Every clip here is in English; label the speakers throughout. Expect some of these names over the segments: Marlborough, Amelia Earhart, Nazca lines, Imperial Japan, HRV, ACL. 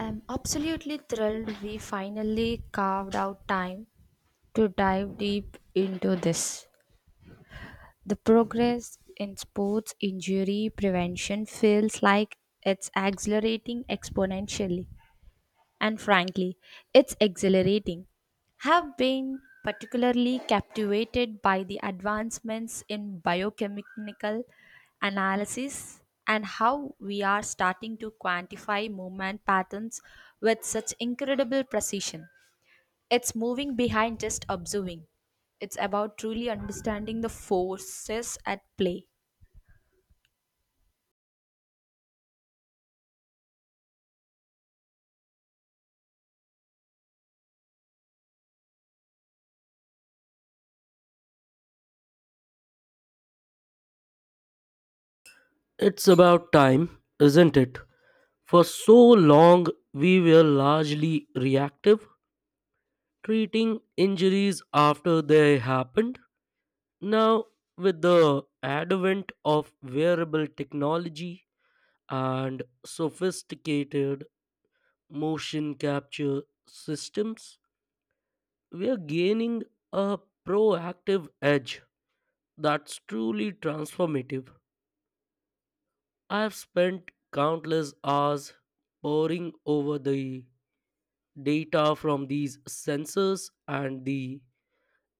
Speaker 1: I'm absolutely thrilled we finally carved out time to dive deep into this. The progress in sports injury prevention feels like it's accelerating exponentially and frankly, it's exhilarating. Have been particularly captivated by the advancements in biochemical analysis and how we are starting to quantify movement patterns with such incredible precision. It's moving behind just observing. It's about truly understanding the forces at play.
Speaker 2: It's about time, isn't it? For so long, we were largely reactive, treating injuries after they happened. Now, with the advent of wearable technology and sophisticated motion capture systems, we are gaining a proactive edge that's truly transformative. I've spent countless hours poring over the data from these sensors, and the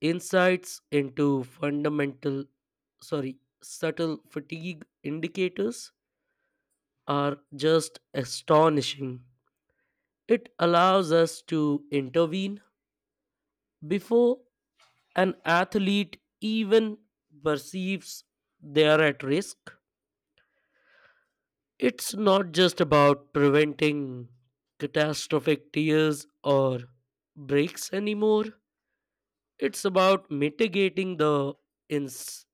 Speaker 2: insights into subtle fatigue indicators are just astonishing. It allows us to intervene before an athlete even perceives they are at risk. It's not just about preventing catastrophic tears or breaks anymore. It's about mitigating the ins-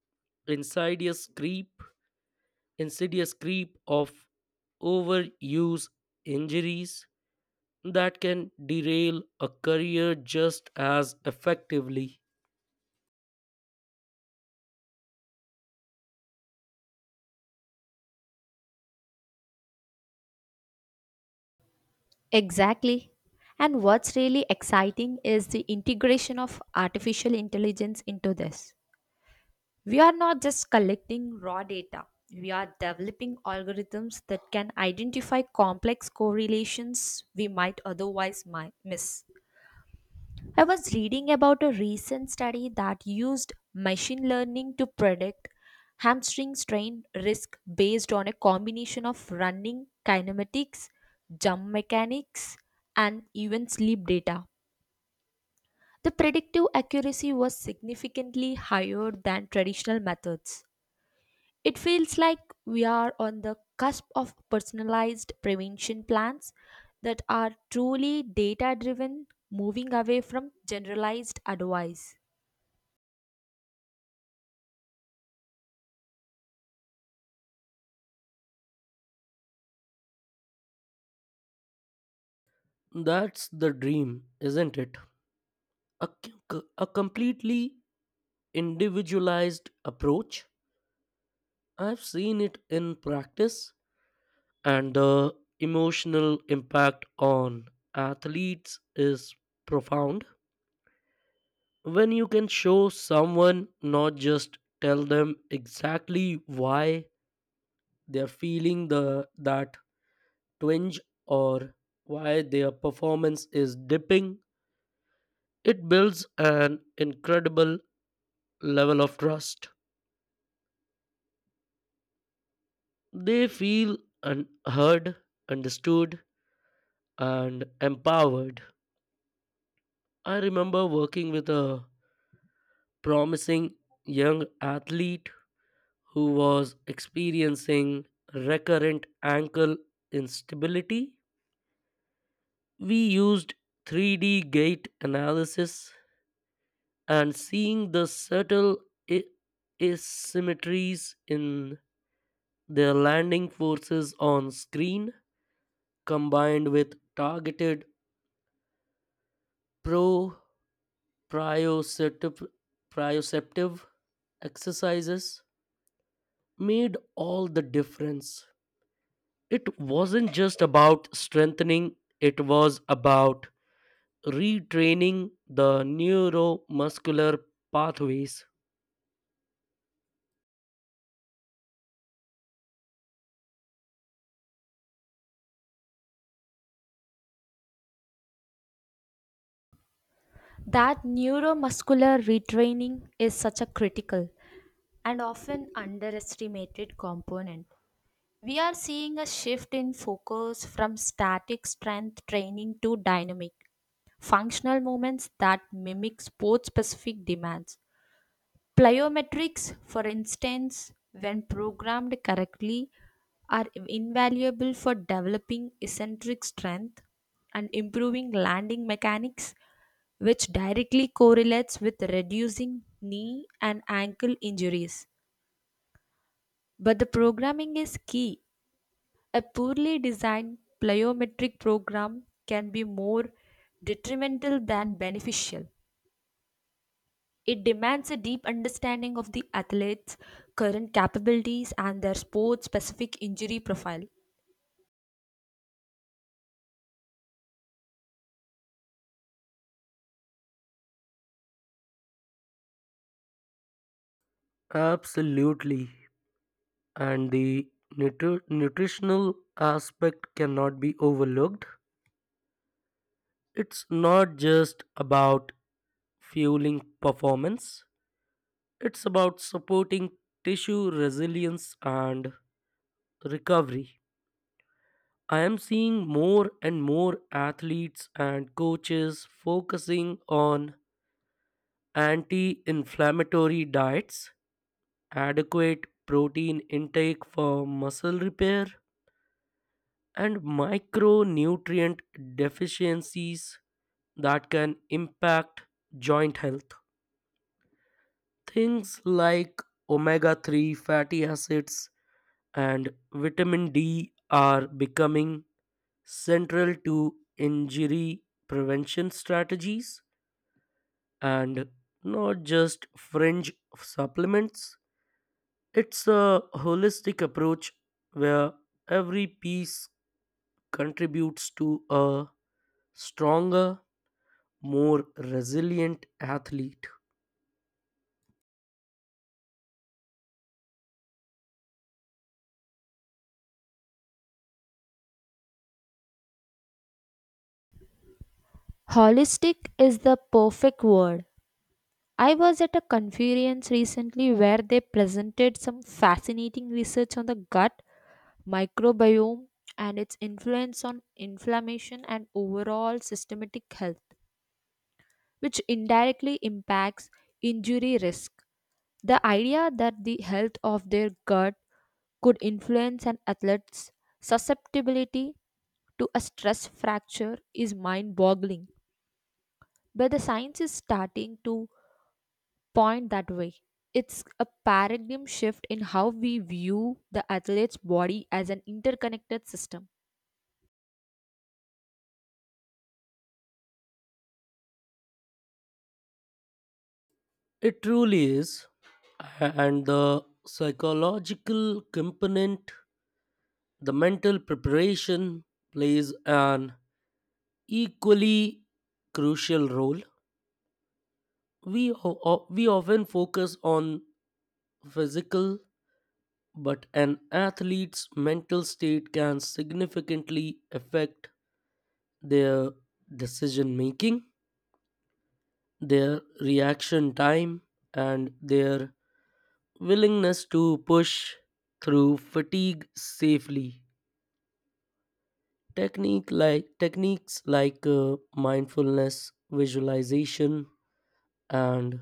Speaker 2: insidious creep, insidious creep of overuse injuries that can derail a career just as effectively.
Speaker 1: Exactly. And what's really exciting is the integration of artificial intelligence into this. We are not just collecting raw data, we are developing algorithms that can identify complex correlations we might otherwise miss. I was reading about a recent study that used machine learning to predict hamstring strain risk based on a combination of running kinematics, jump mechanics, and even sleep data. The predictive accuracy was significantly higher than traditional methods. It feels like we are on the cusp of personalized prevention plans that are truly data driven, moving away from generalized advice.
Speaker 2: That's the dream, isn't it? A, c- a completely individualized approach. I've seen it in practice, and the emotional impact on athletes is profound. When you can show someone, not just tell them, exactly why they're feeling the that twinge or why their performance is dipping, it builds an incredible level of trust. They feel heard, understood, and empowered. I remember working with a promising young athlete who was experiencing recurrent ankle instability. We used 3D gait analysis, and seeing the subtle i- asymmetries in their landing forces on screen, combined with targeted pro proprioceptive proprioceptive exercises, made all the difference. It wasn't just about strengthening, it was about retraining the neuromuscular pathways.
Speaker 1: That neuromuscular retraining is such a critical and often underestimated component. We are seeing a shift in focus from static strength training to dynamic, functional movements that mimic sport specific demands. Plyometrics, for instance, when programmed correctly, are invaluable for developing eccentric strength and improving landing mechanics, which directly correlates with reducing knee and ankle injuries. But the programming is key. A poorly designed plyometric program can be more detrimental than beneficial. It demands a deep understanding of the athlete's current capabilities and their sport specific injury profile.
Speaker 2: Absolutely. And the nutritional aspect cannot be overlooked. It's not just about fueling performance, it's about supporting tissue resilience and recovery. I am seeing more and more athletes and coaches focusing on anti inflammatory diets, adequate protein intake for muscle repair, and micronutrient deficiencies that can impact joint health. Things like omega 3 fatty acids and vitamin D are becoming central to injury prevention strategies, and not just fringe supplements. It's a holistic approach where every piece contributes to a stronger, more resilient athlete.
Speaker 1: Holistic is the perfect word. I was at a conference recently where they presented some fascinating research on the gut microbiome and its influence on inflammation and overall systematic health, which indirectly impacts injury risk. The idea that the health of their gut could influence an athlete's susceptibility to a stress fracture is mind boggling. But the science is starting to point that way. It's a paradigm shift in how we view the athlete's body as an interconnected system.
Speaker 2: It truly is. And the psychological component, the mental preparation, plays an equally crucial role. We often focus on physical, but an athlete's mental state can significantly affect their decision making, their reaction time, and their willingness to push through fatigue safely. Techniques like mindfulness, visualization, and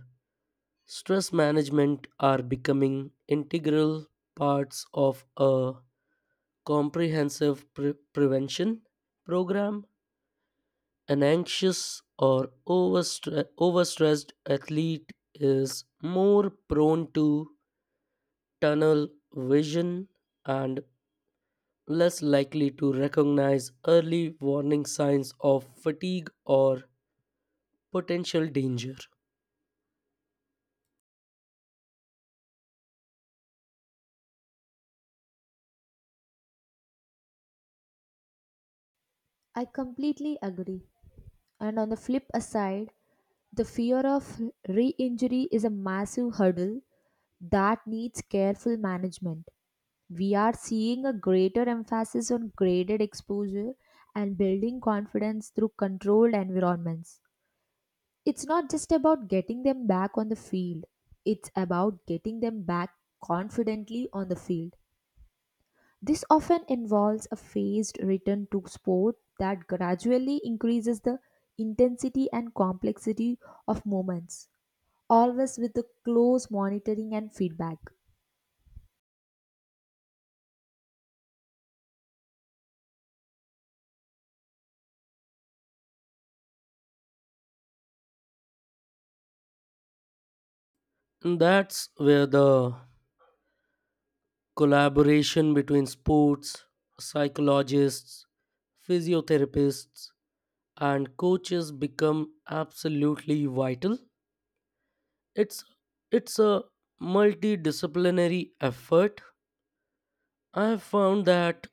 Speaker 2: stress management are becoming integral parts of a comprehensive prevention program. An anxious or overstressed athlete is more prone to tunnel vision and less likely to recognize early warning signs of fatigue or potential danger.
Speaker 1: I completely agree. And on the flip aside, the fear of re injury is a massive hurdle that needs careful management. We are seeing a greater emphasis on graded exposure and building confidence through controlled environments. It's not just about getting them back on the field, it's about getting them back confidently on the field. This often involves a phased return to sport that gradually increases the intensity and complexity of moments, always with the close monitoring and feedback.
Speaker 2: That's where the collaboration between sports psychologists, physiotherapists, and coaches become absolutely vital. It's it's a multidisciplinary effort. I have found that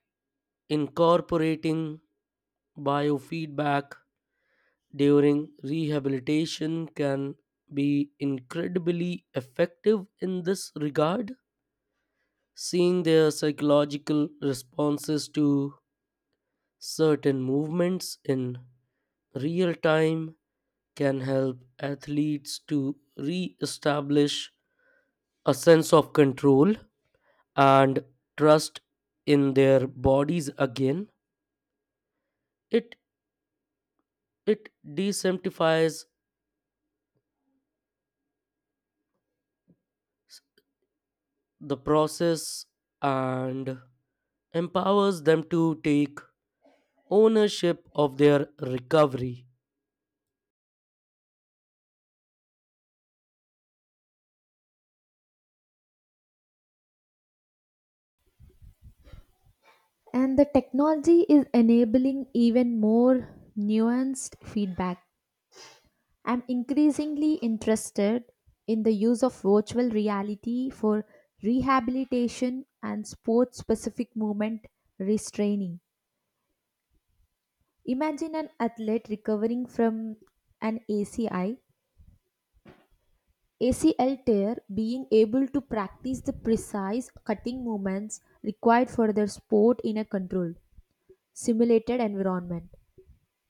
Speaker 2: incorporating biofeedback during rehabilitation can be incredibly effective in this regard. Seeing their psychological responses to certain movements in real time can help athletes to re establish a sense of control and trust in their bodies again. It, it desensitizes the process and empowers them to take ownership of their recovery.
Speaker 1: And the technology is enabling even more nuanced feedback. I'm increasingly interested in the use of virtual reality for rehabilitation and sport specific movement restraining. Imagine an athlete recovering from an ACL tear being able to practice the precise cutting movements required for their sport in a controlled, simulated environment.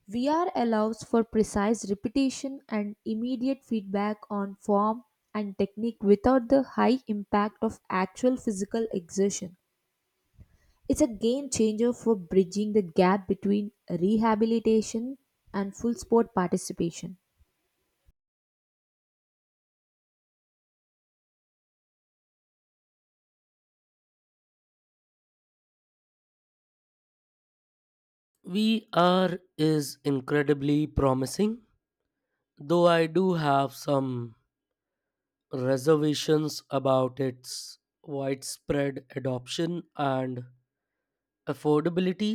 Speaker 1: VR allows for precise repetition and immediate feedback on form and technique without the high impact of actual physical exertion. It's a game changer for bridging the gap between rehabilitation and full sport participation.
Speaker 2: VR is incredibly promising, though I do have some reservations about its widespread adoption and affordability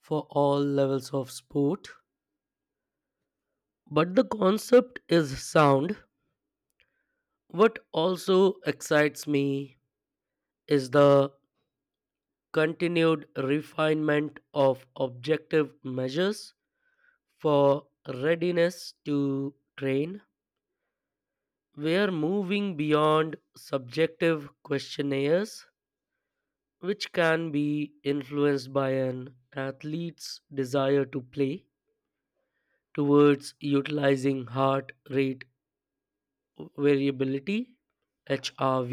Speaker 2: for all levels of sport. But the concept is sound. What also excites me is the continued refinement of objective measures for readiness to train. We are moving beyond subjective questionnaires, which can be influenced by an athlete's desire to play, towards utilizing heart rate variability, HRV,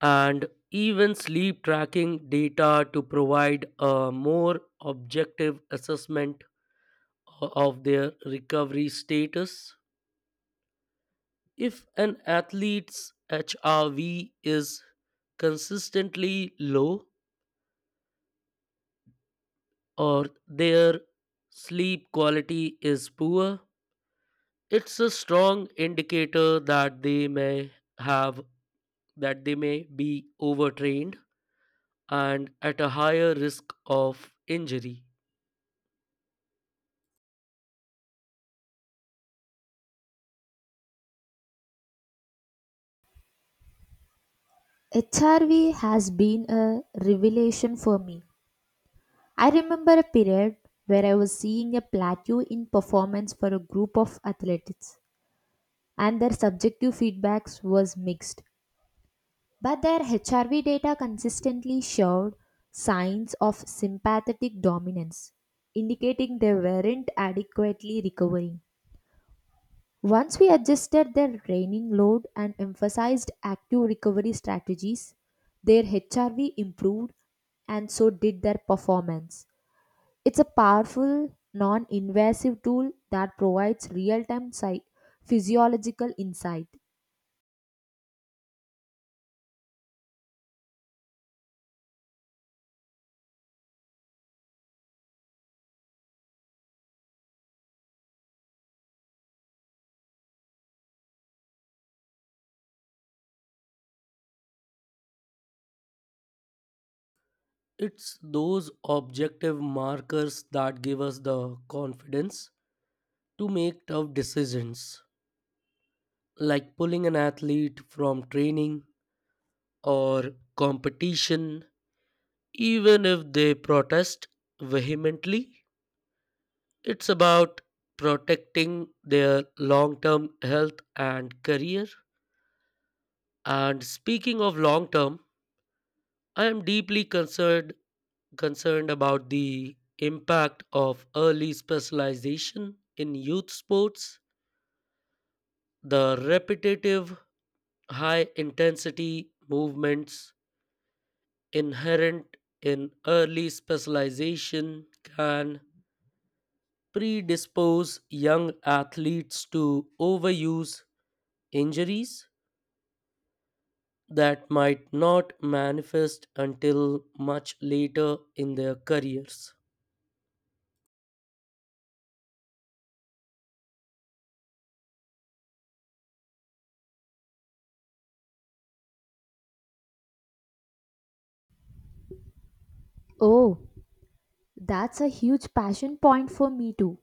Speaker 2: and even sleep tracking data to provide a more objective assessment of their recovery status. If an athlete's HRV is consistently low or their sleep quality is poor, it's a strong indicator that they may have that they may be overtrained and at a higher risk of injury.
Speaker 1: HRV has been a revelation for me. I remember a period where I was seeing a plateau in performance for a group of athletes, and their subjective feedbacks was mixed. But their HRV data consistently showed signs of sympathetic dominance, indicating they weren't adequately recovering. Once we adjusted their training load and emphasized active recovery strategies, their HRV improved and so did their performance. It's a powerful, non invasive tool that provides real time physiological insight.
Speaker 2: It's those objective markers that give us the confidence to make tough decisions, like pulling an athlete from training or competition, even if they protest vehemently. It's about protecting their long term health and career. And speaking of long term, I am deeply concerned concerned about the impact of early specialization in youth sports. The repetitive high intensity movements inherent in early specialization can predispose young athletes to overuse injuries that might not manifest until much later in their careers.
Speaker 1: Oh, that's a huge passion point for me too.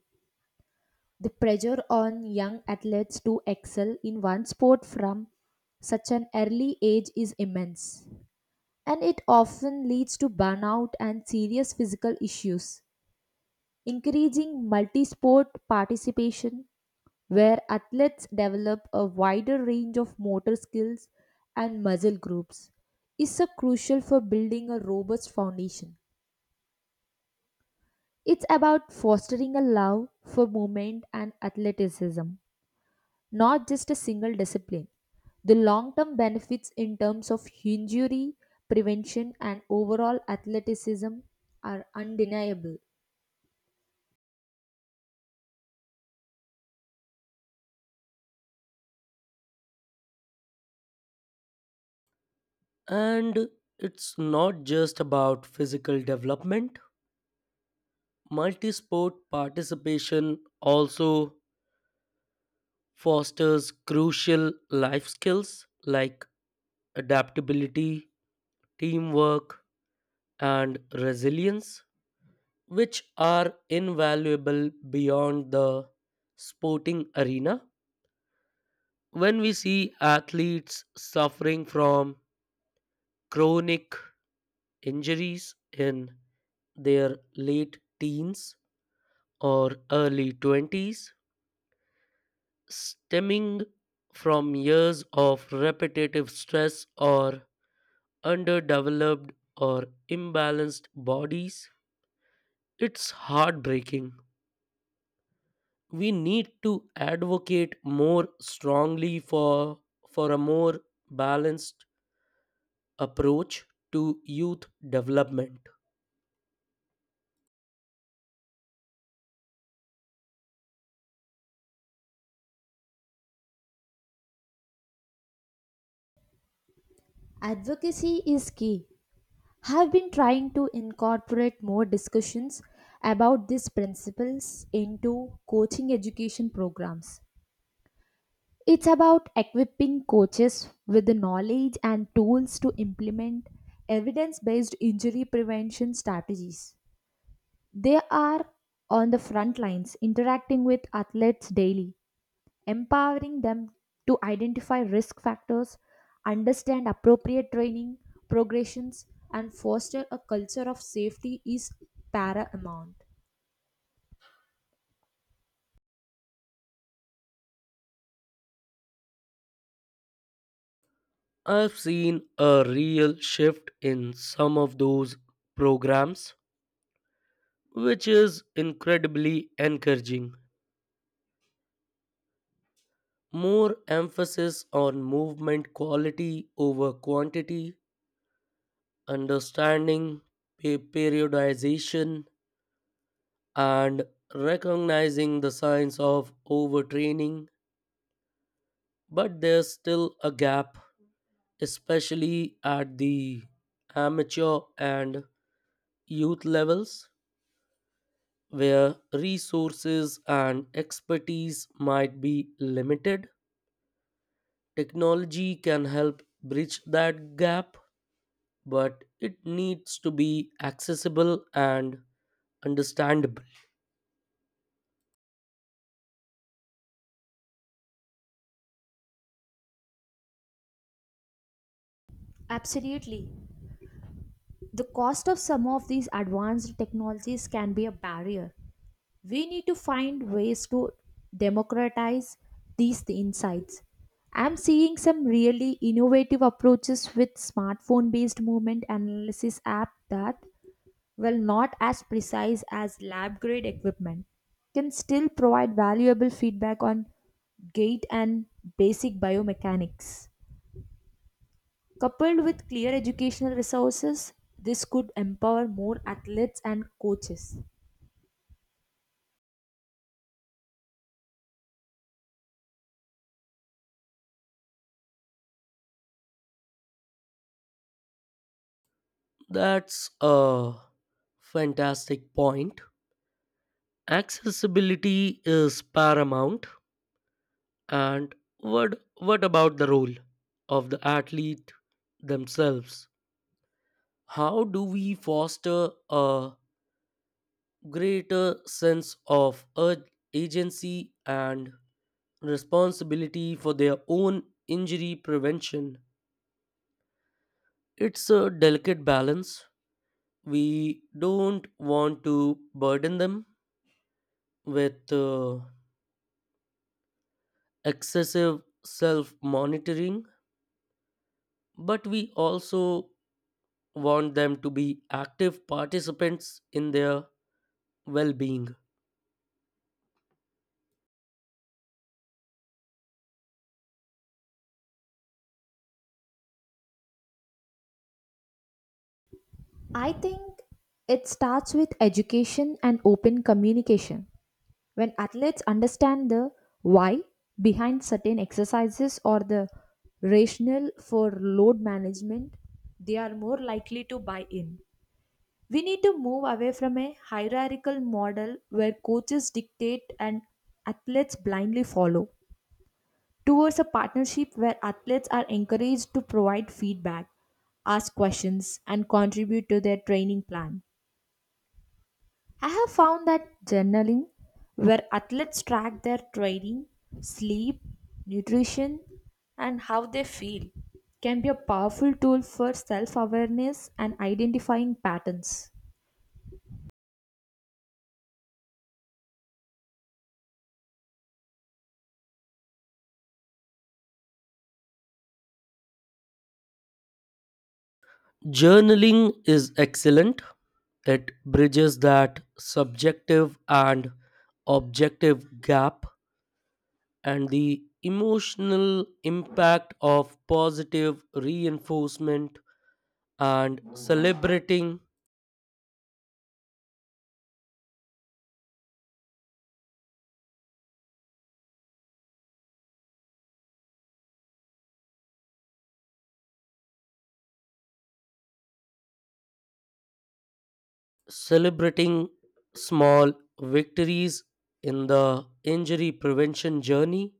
Speaker 1: The pressure on young athletes to excel in one sport from such an early age is immense, and it often leads to burnout and serious physical issues. Encouraging multi sport participation, where athletes develop a wider range of motor skills and muscle groups, is so crucial for building a robust foundation. It's about fostering a love for movement and athleticism not just a single discipline. The long term benefits in terms of injury prevention and overall athleticism are undeniable.
Speaker 2: And it's not just about physical development, multisport participation also fosters crucial life skills like adaptability, teamwork, and resilience, which are invaluable beyond the sporting arena. When we see athletes suffering from chronic injuries in their late teens or early 20s, stemming from years of repetitive stress or underdeveloped or imbalanced bodies. It's heartbreaking. We need to advocate more strongly for a more balanced approach to youth development.
Speaker 1: Advocacy is key. Have been trying to incorporate more discussions about these principles into coaching education programs. It's about equipping coaches with the knowledge and tools to implement evidence based injury prevention strategies. They are on the front lines interacting with athletes daily, empowering them to identify risk factors, understand appropriate training, progressions, and foster a culture of safety is paramount.
Speaker 2: I've seen a real shift in some of those programs, which is incredibly encouraging. More emphasis on movement quality over quantity, understanding periodization and recognizing the signs of overtraining, but there's still a gap, especially at the amateur and youth levels, where resources and expertise might be limited. Technology can help bridge that gap, but it needs to be accessible and understandable.
Speaker 1: Absolutely. The cost of some of these advanced technologies can be a barrier. We need to find ways to democratize these insights. I'm seeing some really innovative approaches with smartphone based movement analysis app that, while not as precise as lab grade equipment, can still provide valuable feedback on gait and basic biomechanics. Coupled with clear educational resources, this could empower more athletes and coaches.
Speaker 2: That's a fantastic point. Accessibility is paramount. And what about the role of the athlete themselves? How do we foster a greater sense of agency and responsibility for their own injury prevention? It's a delicate balance. We don't want to burden them with excessive self monitoring, but we also want them to be active participants in their well being.
Speaker 1: I think it starts with education and open communication. When athletes understand the why behind certain exercises or the rationale for load management, they are more likely to buy in. We need to move away from a hierarchical model where coaches dictate and athletes blindly follow towards a partnership where athletes are encouraged to provide feedback, ask questions, and contribute to their training plan. I have found that journaling, where athletes track their training, sleep, nutrition, and how they feel, can be a powerful tool for self awareness and identifying patterns.
Speaker 2: Journaling is excellent. It bridges that subjective and objective gap, and the emotional impact of positive reinforcement and celebrating small victories in the injury prevention journey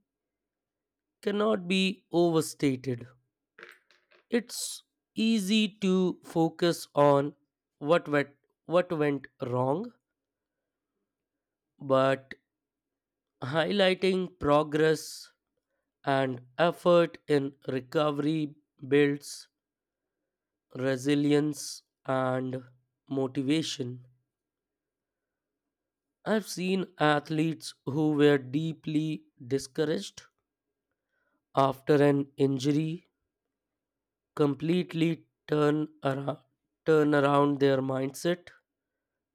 Speaker 2: cannot be overstated. It's easy to focus on what went, what went wrong, but highlighting progress and effort in recovery builds resilience and motivation. I've seen athletes who were deeply discouraged after an injury completely turn around their mindset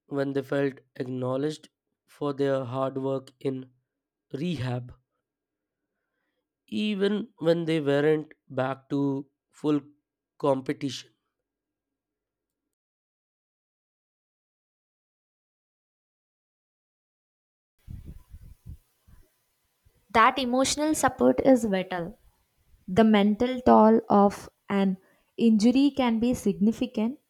Speaker 2: when they felt acknowledged for their hard work in rehab, even when they weren't back to full competition.
Speaker 1: That emotional support is vital. The mental toll of an injury can be significant,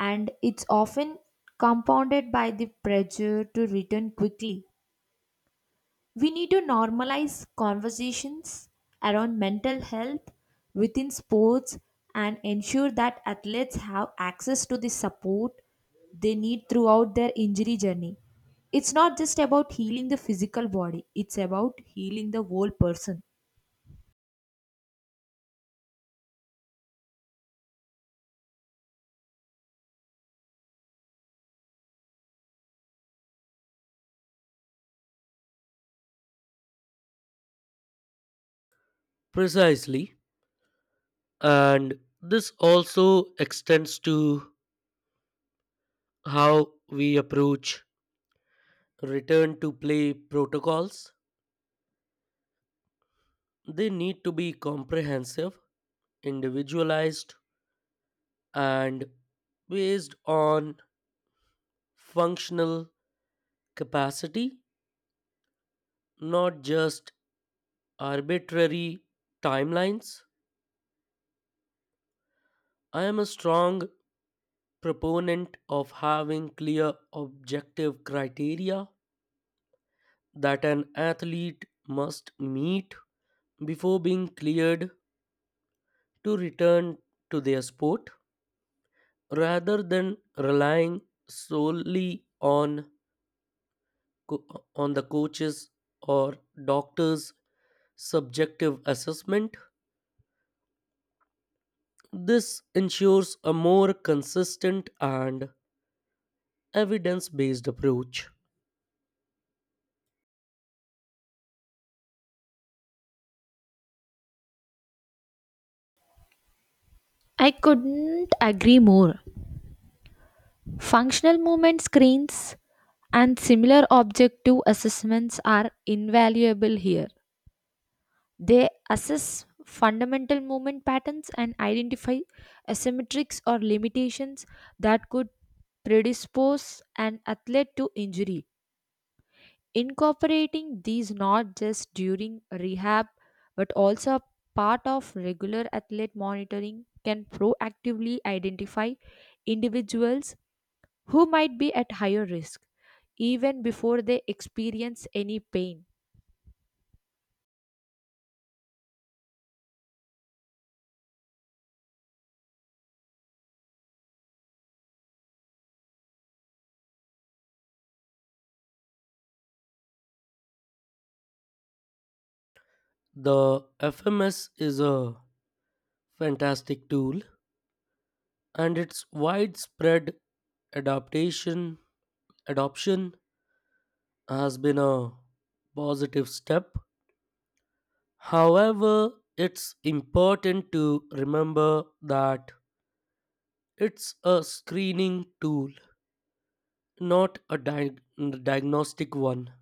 Speaker 1: and it's often compounded by the pressure to return quickly. We need to normalize conversations around mental health within sports and ensure that athletes have access to the support they need throughout their injury journey. It's not just about healing the physical body, it's about healing the whole person.
Speaker 2: Precisely. And this also extends to how we approach return to play protocols. They need to be comprehensive, individualized, and based on functional capacity, not just arbitrary timelines. I am a strong proponent of having clear objective criteria that an athlete must meet before being cleared to return to their sport, rather than relying solely on on the coaches or doctors subjective assessment. This ensures a more consistent and evidence based approach.
Speaker 1: I couldn't agree more. Functional movement screens and similar objective assessments are invaluable here. They assess fundamental movement patterns and identify asymmetrics or limitations that could predispose an athlete to injury. Incorporating these not just during rehab but also part of regular athlete monitoring can proactively identify individuals who might be at higher risk even before they experience any pain.
Speaker 2: The FMS is a fantastic tool, and its widespread adaptation adoption has been a positive step. However, it's important to remember that it's a screening tool, not a diagnostic one.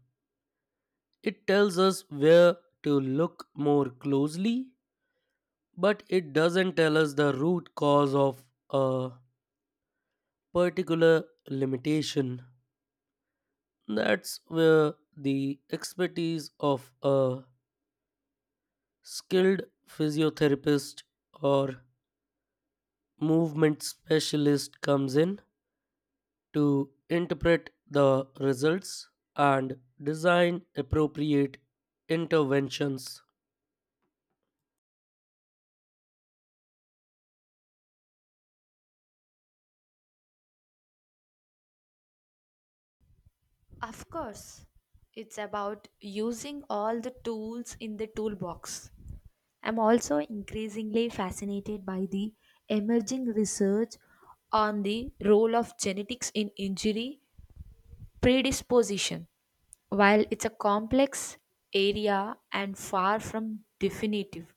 Speaker 2: It tells us where to look more closely, but it doesn't tell us the root cause of a particular limitation. That's where the expertise of a skilled physiotherapist or movement specialist comes in, to interpret the results and design appropriate interventions.
Speaker 1: Of course, it's about using all the tools in the toolbox. I'm also increasingly fascinated by the emerging research on the role of genetics in injury predisposition. While it's a complex area and far from definitive,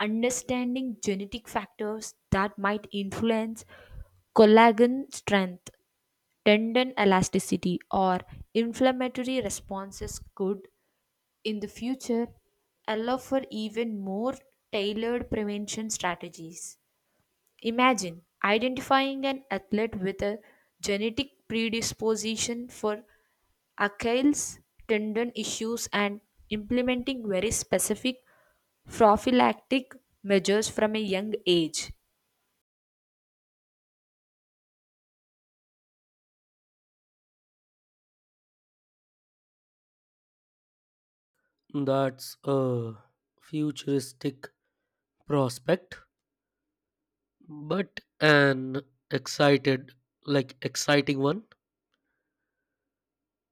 Speaker 1: understanding genetic factors that might influence collagen strength tendon elasticity or inflammatory responses could, in the future, allow for even more tailored prevention strategies. Imagine identifying an athlete with a genetic predisposition for Achilles tendon issues and implementing very specific prophylactic measures from a young age.
Speaker 2: That's a futuristic prospect, but an excited, like exciting one.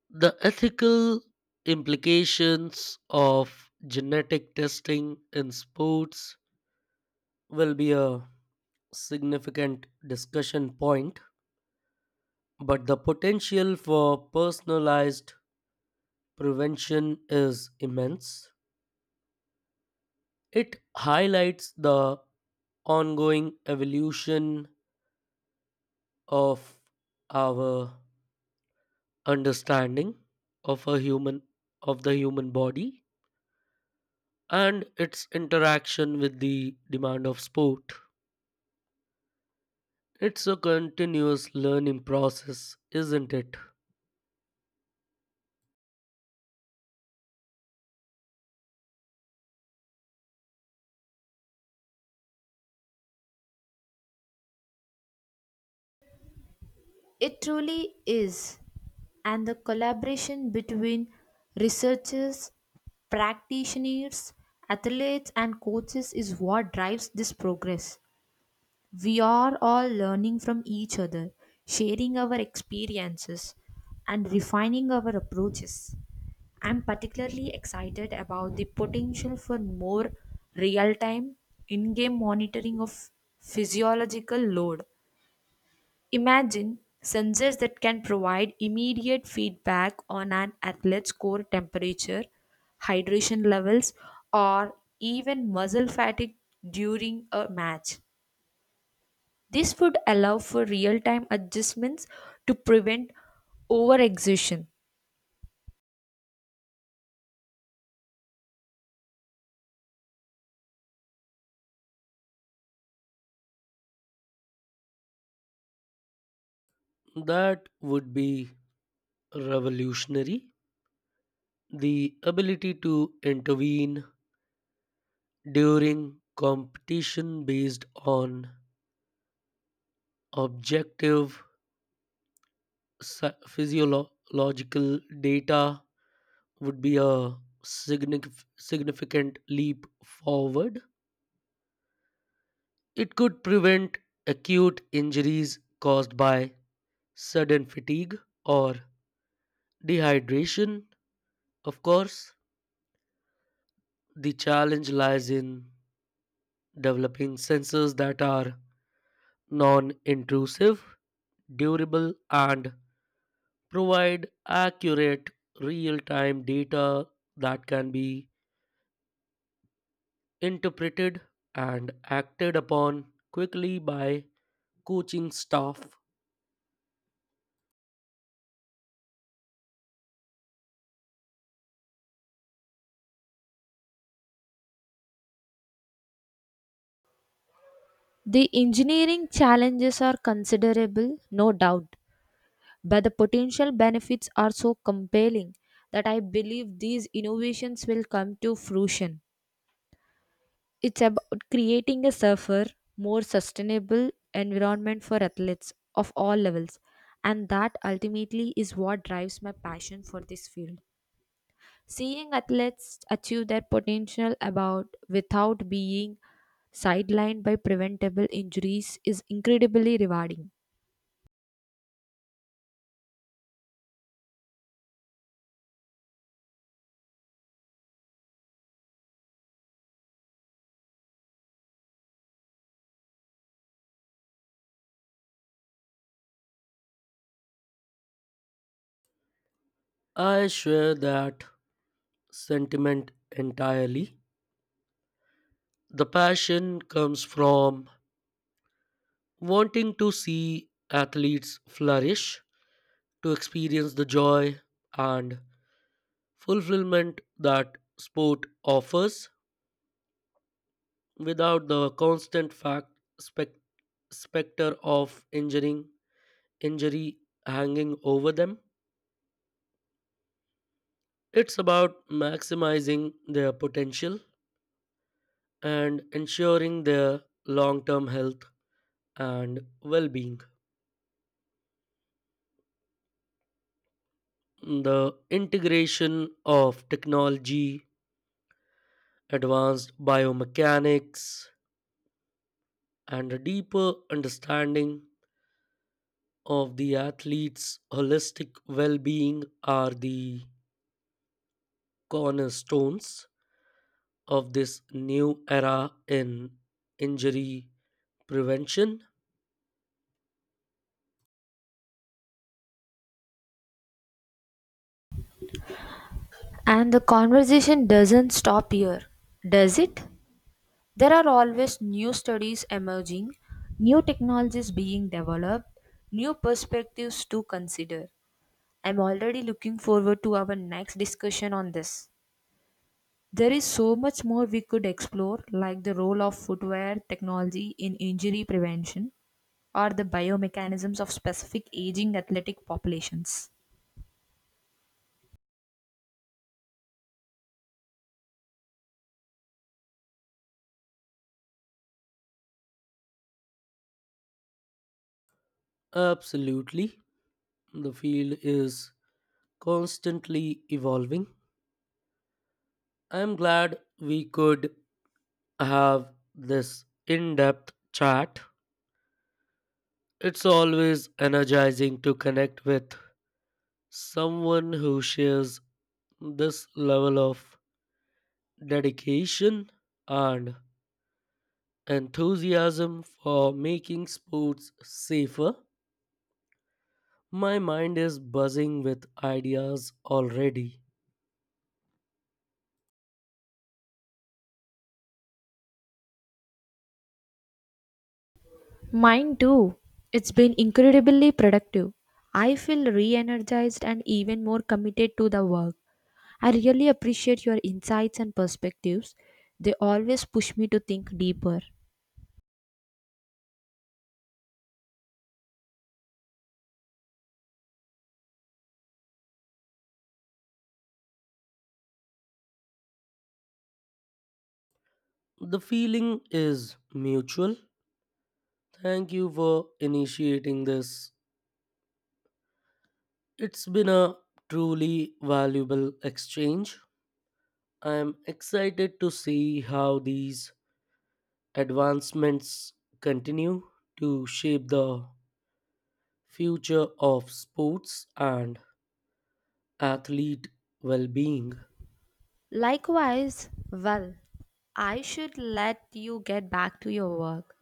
Speaker 2: The ethical implications of genetic testing in sports will be a significant discussion point, but the potential for personalized prevention is immense. It highlights the ongoing evolution of our understanding of a human of the human body and its interaction with the demand of sport. It's a continuous learning process, isn't it?
Speaker 1: It truly is. And the collaboration between researchers, practitioners, athletes, and coaches is what drives this progress. We are all learning from each other, sharing our experiences, and refining our approaches. I'm particularly excited about the potential for more real time in game monitoring of physiological load. Imagine sensors that can provide immediate feedback on an athlete's core temperature, hydration levels, or even muscle fatigue during a match. This would allow for real time adjustments to prevent overexertion.
Speaker 2: That would be revolutionary. The ability to intervene during competition based on objective physiological data would be a significant leap forward. It could prevent acute injuries caused by sudden fatigue or dehydration. Of course, the challenge lies in developing sensors that are non intrusive, durable, and provide accurate real time data that can be interpreted and acted upon quickly by coaching staff.
Speaker 1: The engineering challenges are considerable, no doubt, but the potential benefits are so compelling that I believe these innovations will come to fruition. It's about creating a safer, more sustainable environment for athletes of all levels. And that ultimately is what drives my passion for this field. Seeing athletes achieve their potential about without being sidelined by preventable injuries is incredibly rewarding.
Speaker 2: I share that sentiment entirely. The passion comes from wanting to see athletes flourish, to experience the joy and fulfillment that sport offers without the constant spec- specter of injuring injury hanging over them. It's about maximizing their potential and ensuring their long term health and well being. The integration of technology, advanced biomechanics, and a deeper understanding of the athlete's holistic well being are the cornerstones of this new era in injury prevention.
Speaker 1: And the conversation doesn't stop here, does it? There are always new studies emerging, new technologies being developed, new perspectives to consider. I'm already looking forward to our next discussion on this. There is so much more we could explore, like the role of footwear technology in injury prevention or the biomechanisms of specific aging athletic populations.
Speaker 2: Absolutely. The field is constantly evolving. I'm glad we could have this in depth chat. It's always energizing to connect with someone who shares this level of dedication and enthusiasm for making sports safer. My mind is buzzing with ideas already.
Speaker 1: Mine too. It's been incredibly productive. I feel re energized and even more committed to the work. I really appreciate your insights and perspectives. They always push me to think deeper.
Speaker 2: The feeling is mutual. Thank you for initiating this. It's been a truly valuable exchange. I am excited to see how these advancements continue to shape the future of sports and athlete well being.
Speaker 1: Likewise, well, I should let you get back to your work.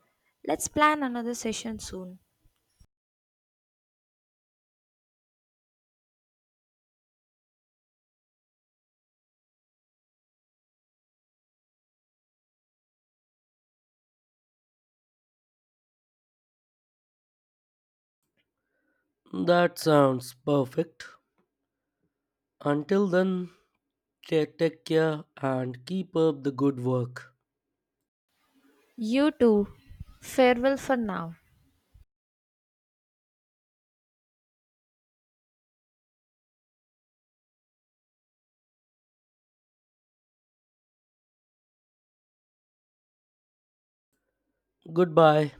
Speaker 1: Let's plan another session soon.
Speaker 2: That sounds perfect. Until then, take care and keep up the good work.
Speaker 1: You too. Farewell for now.
Speaker 2: Goodbye.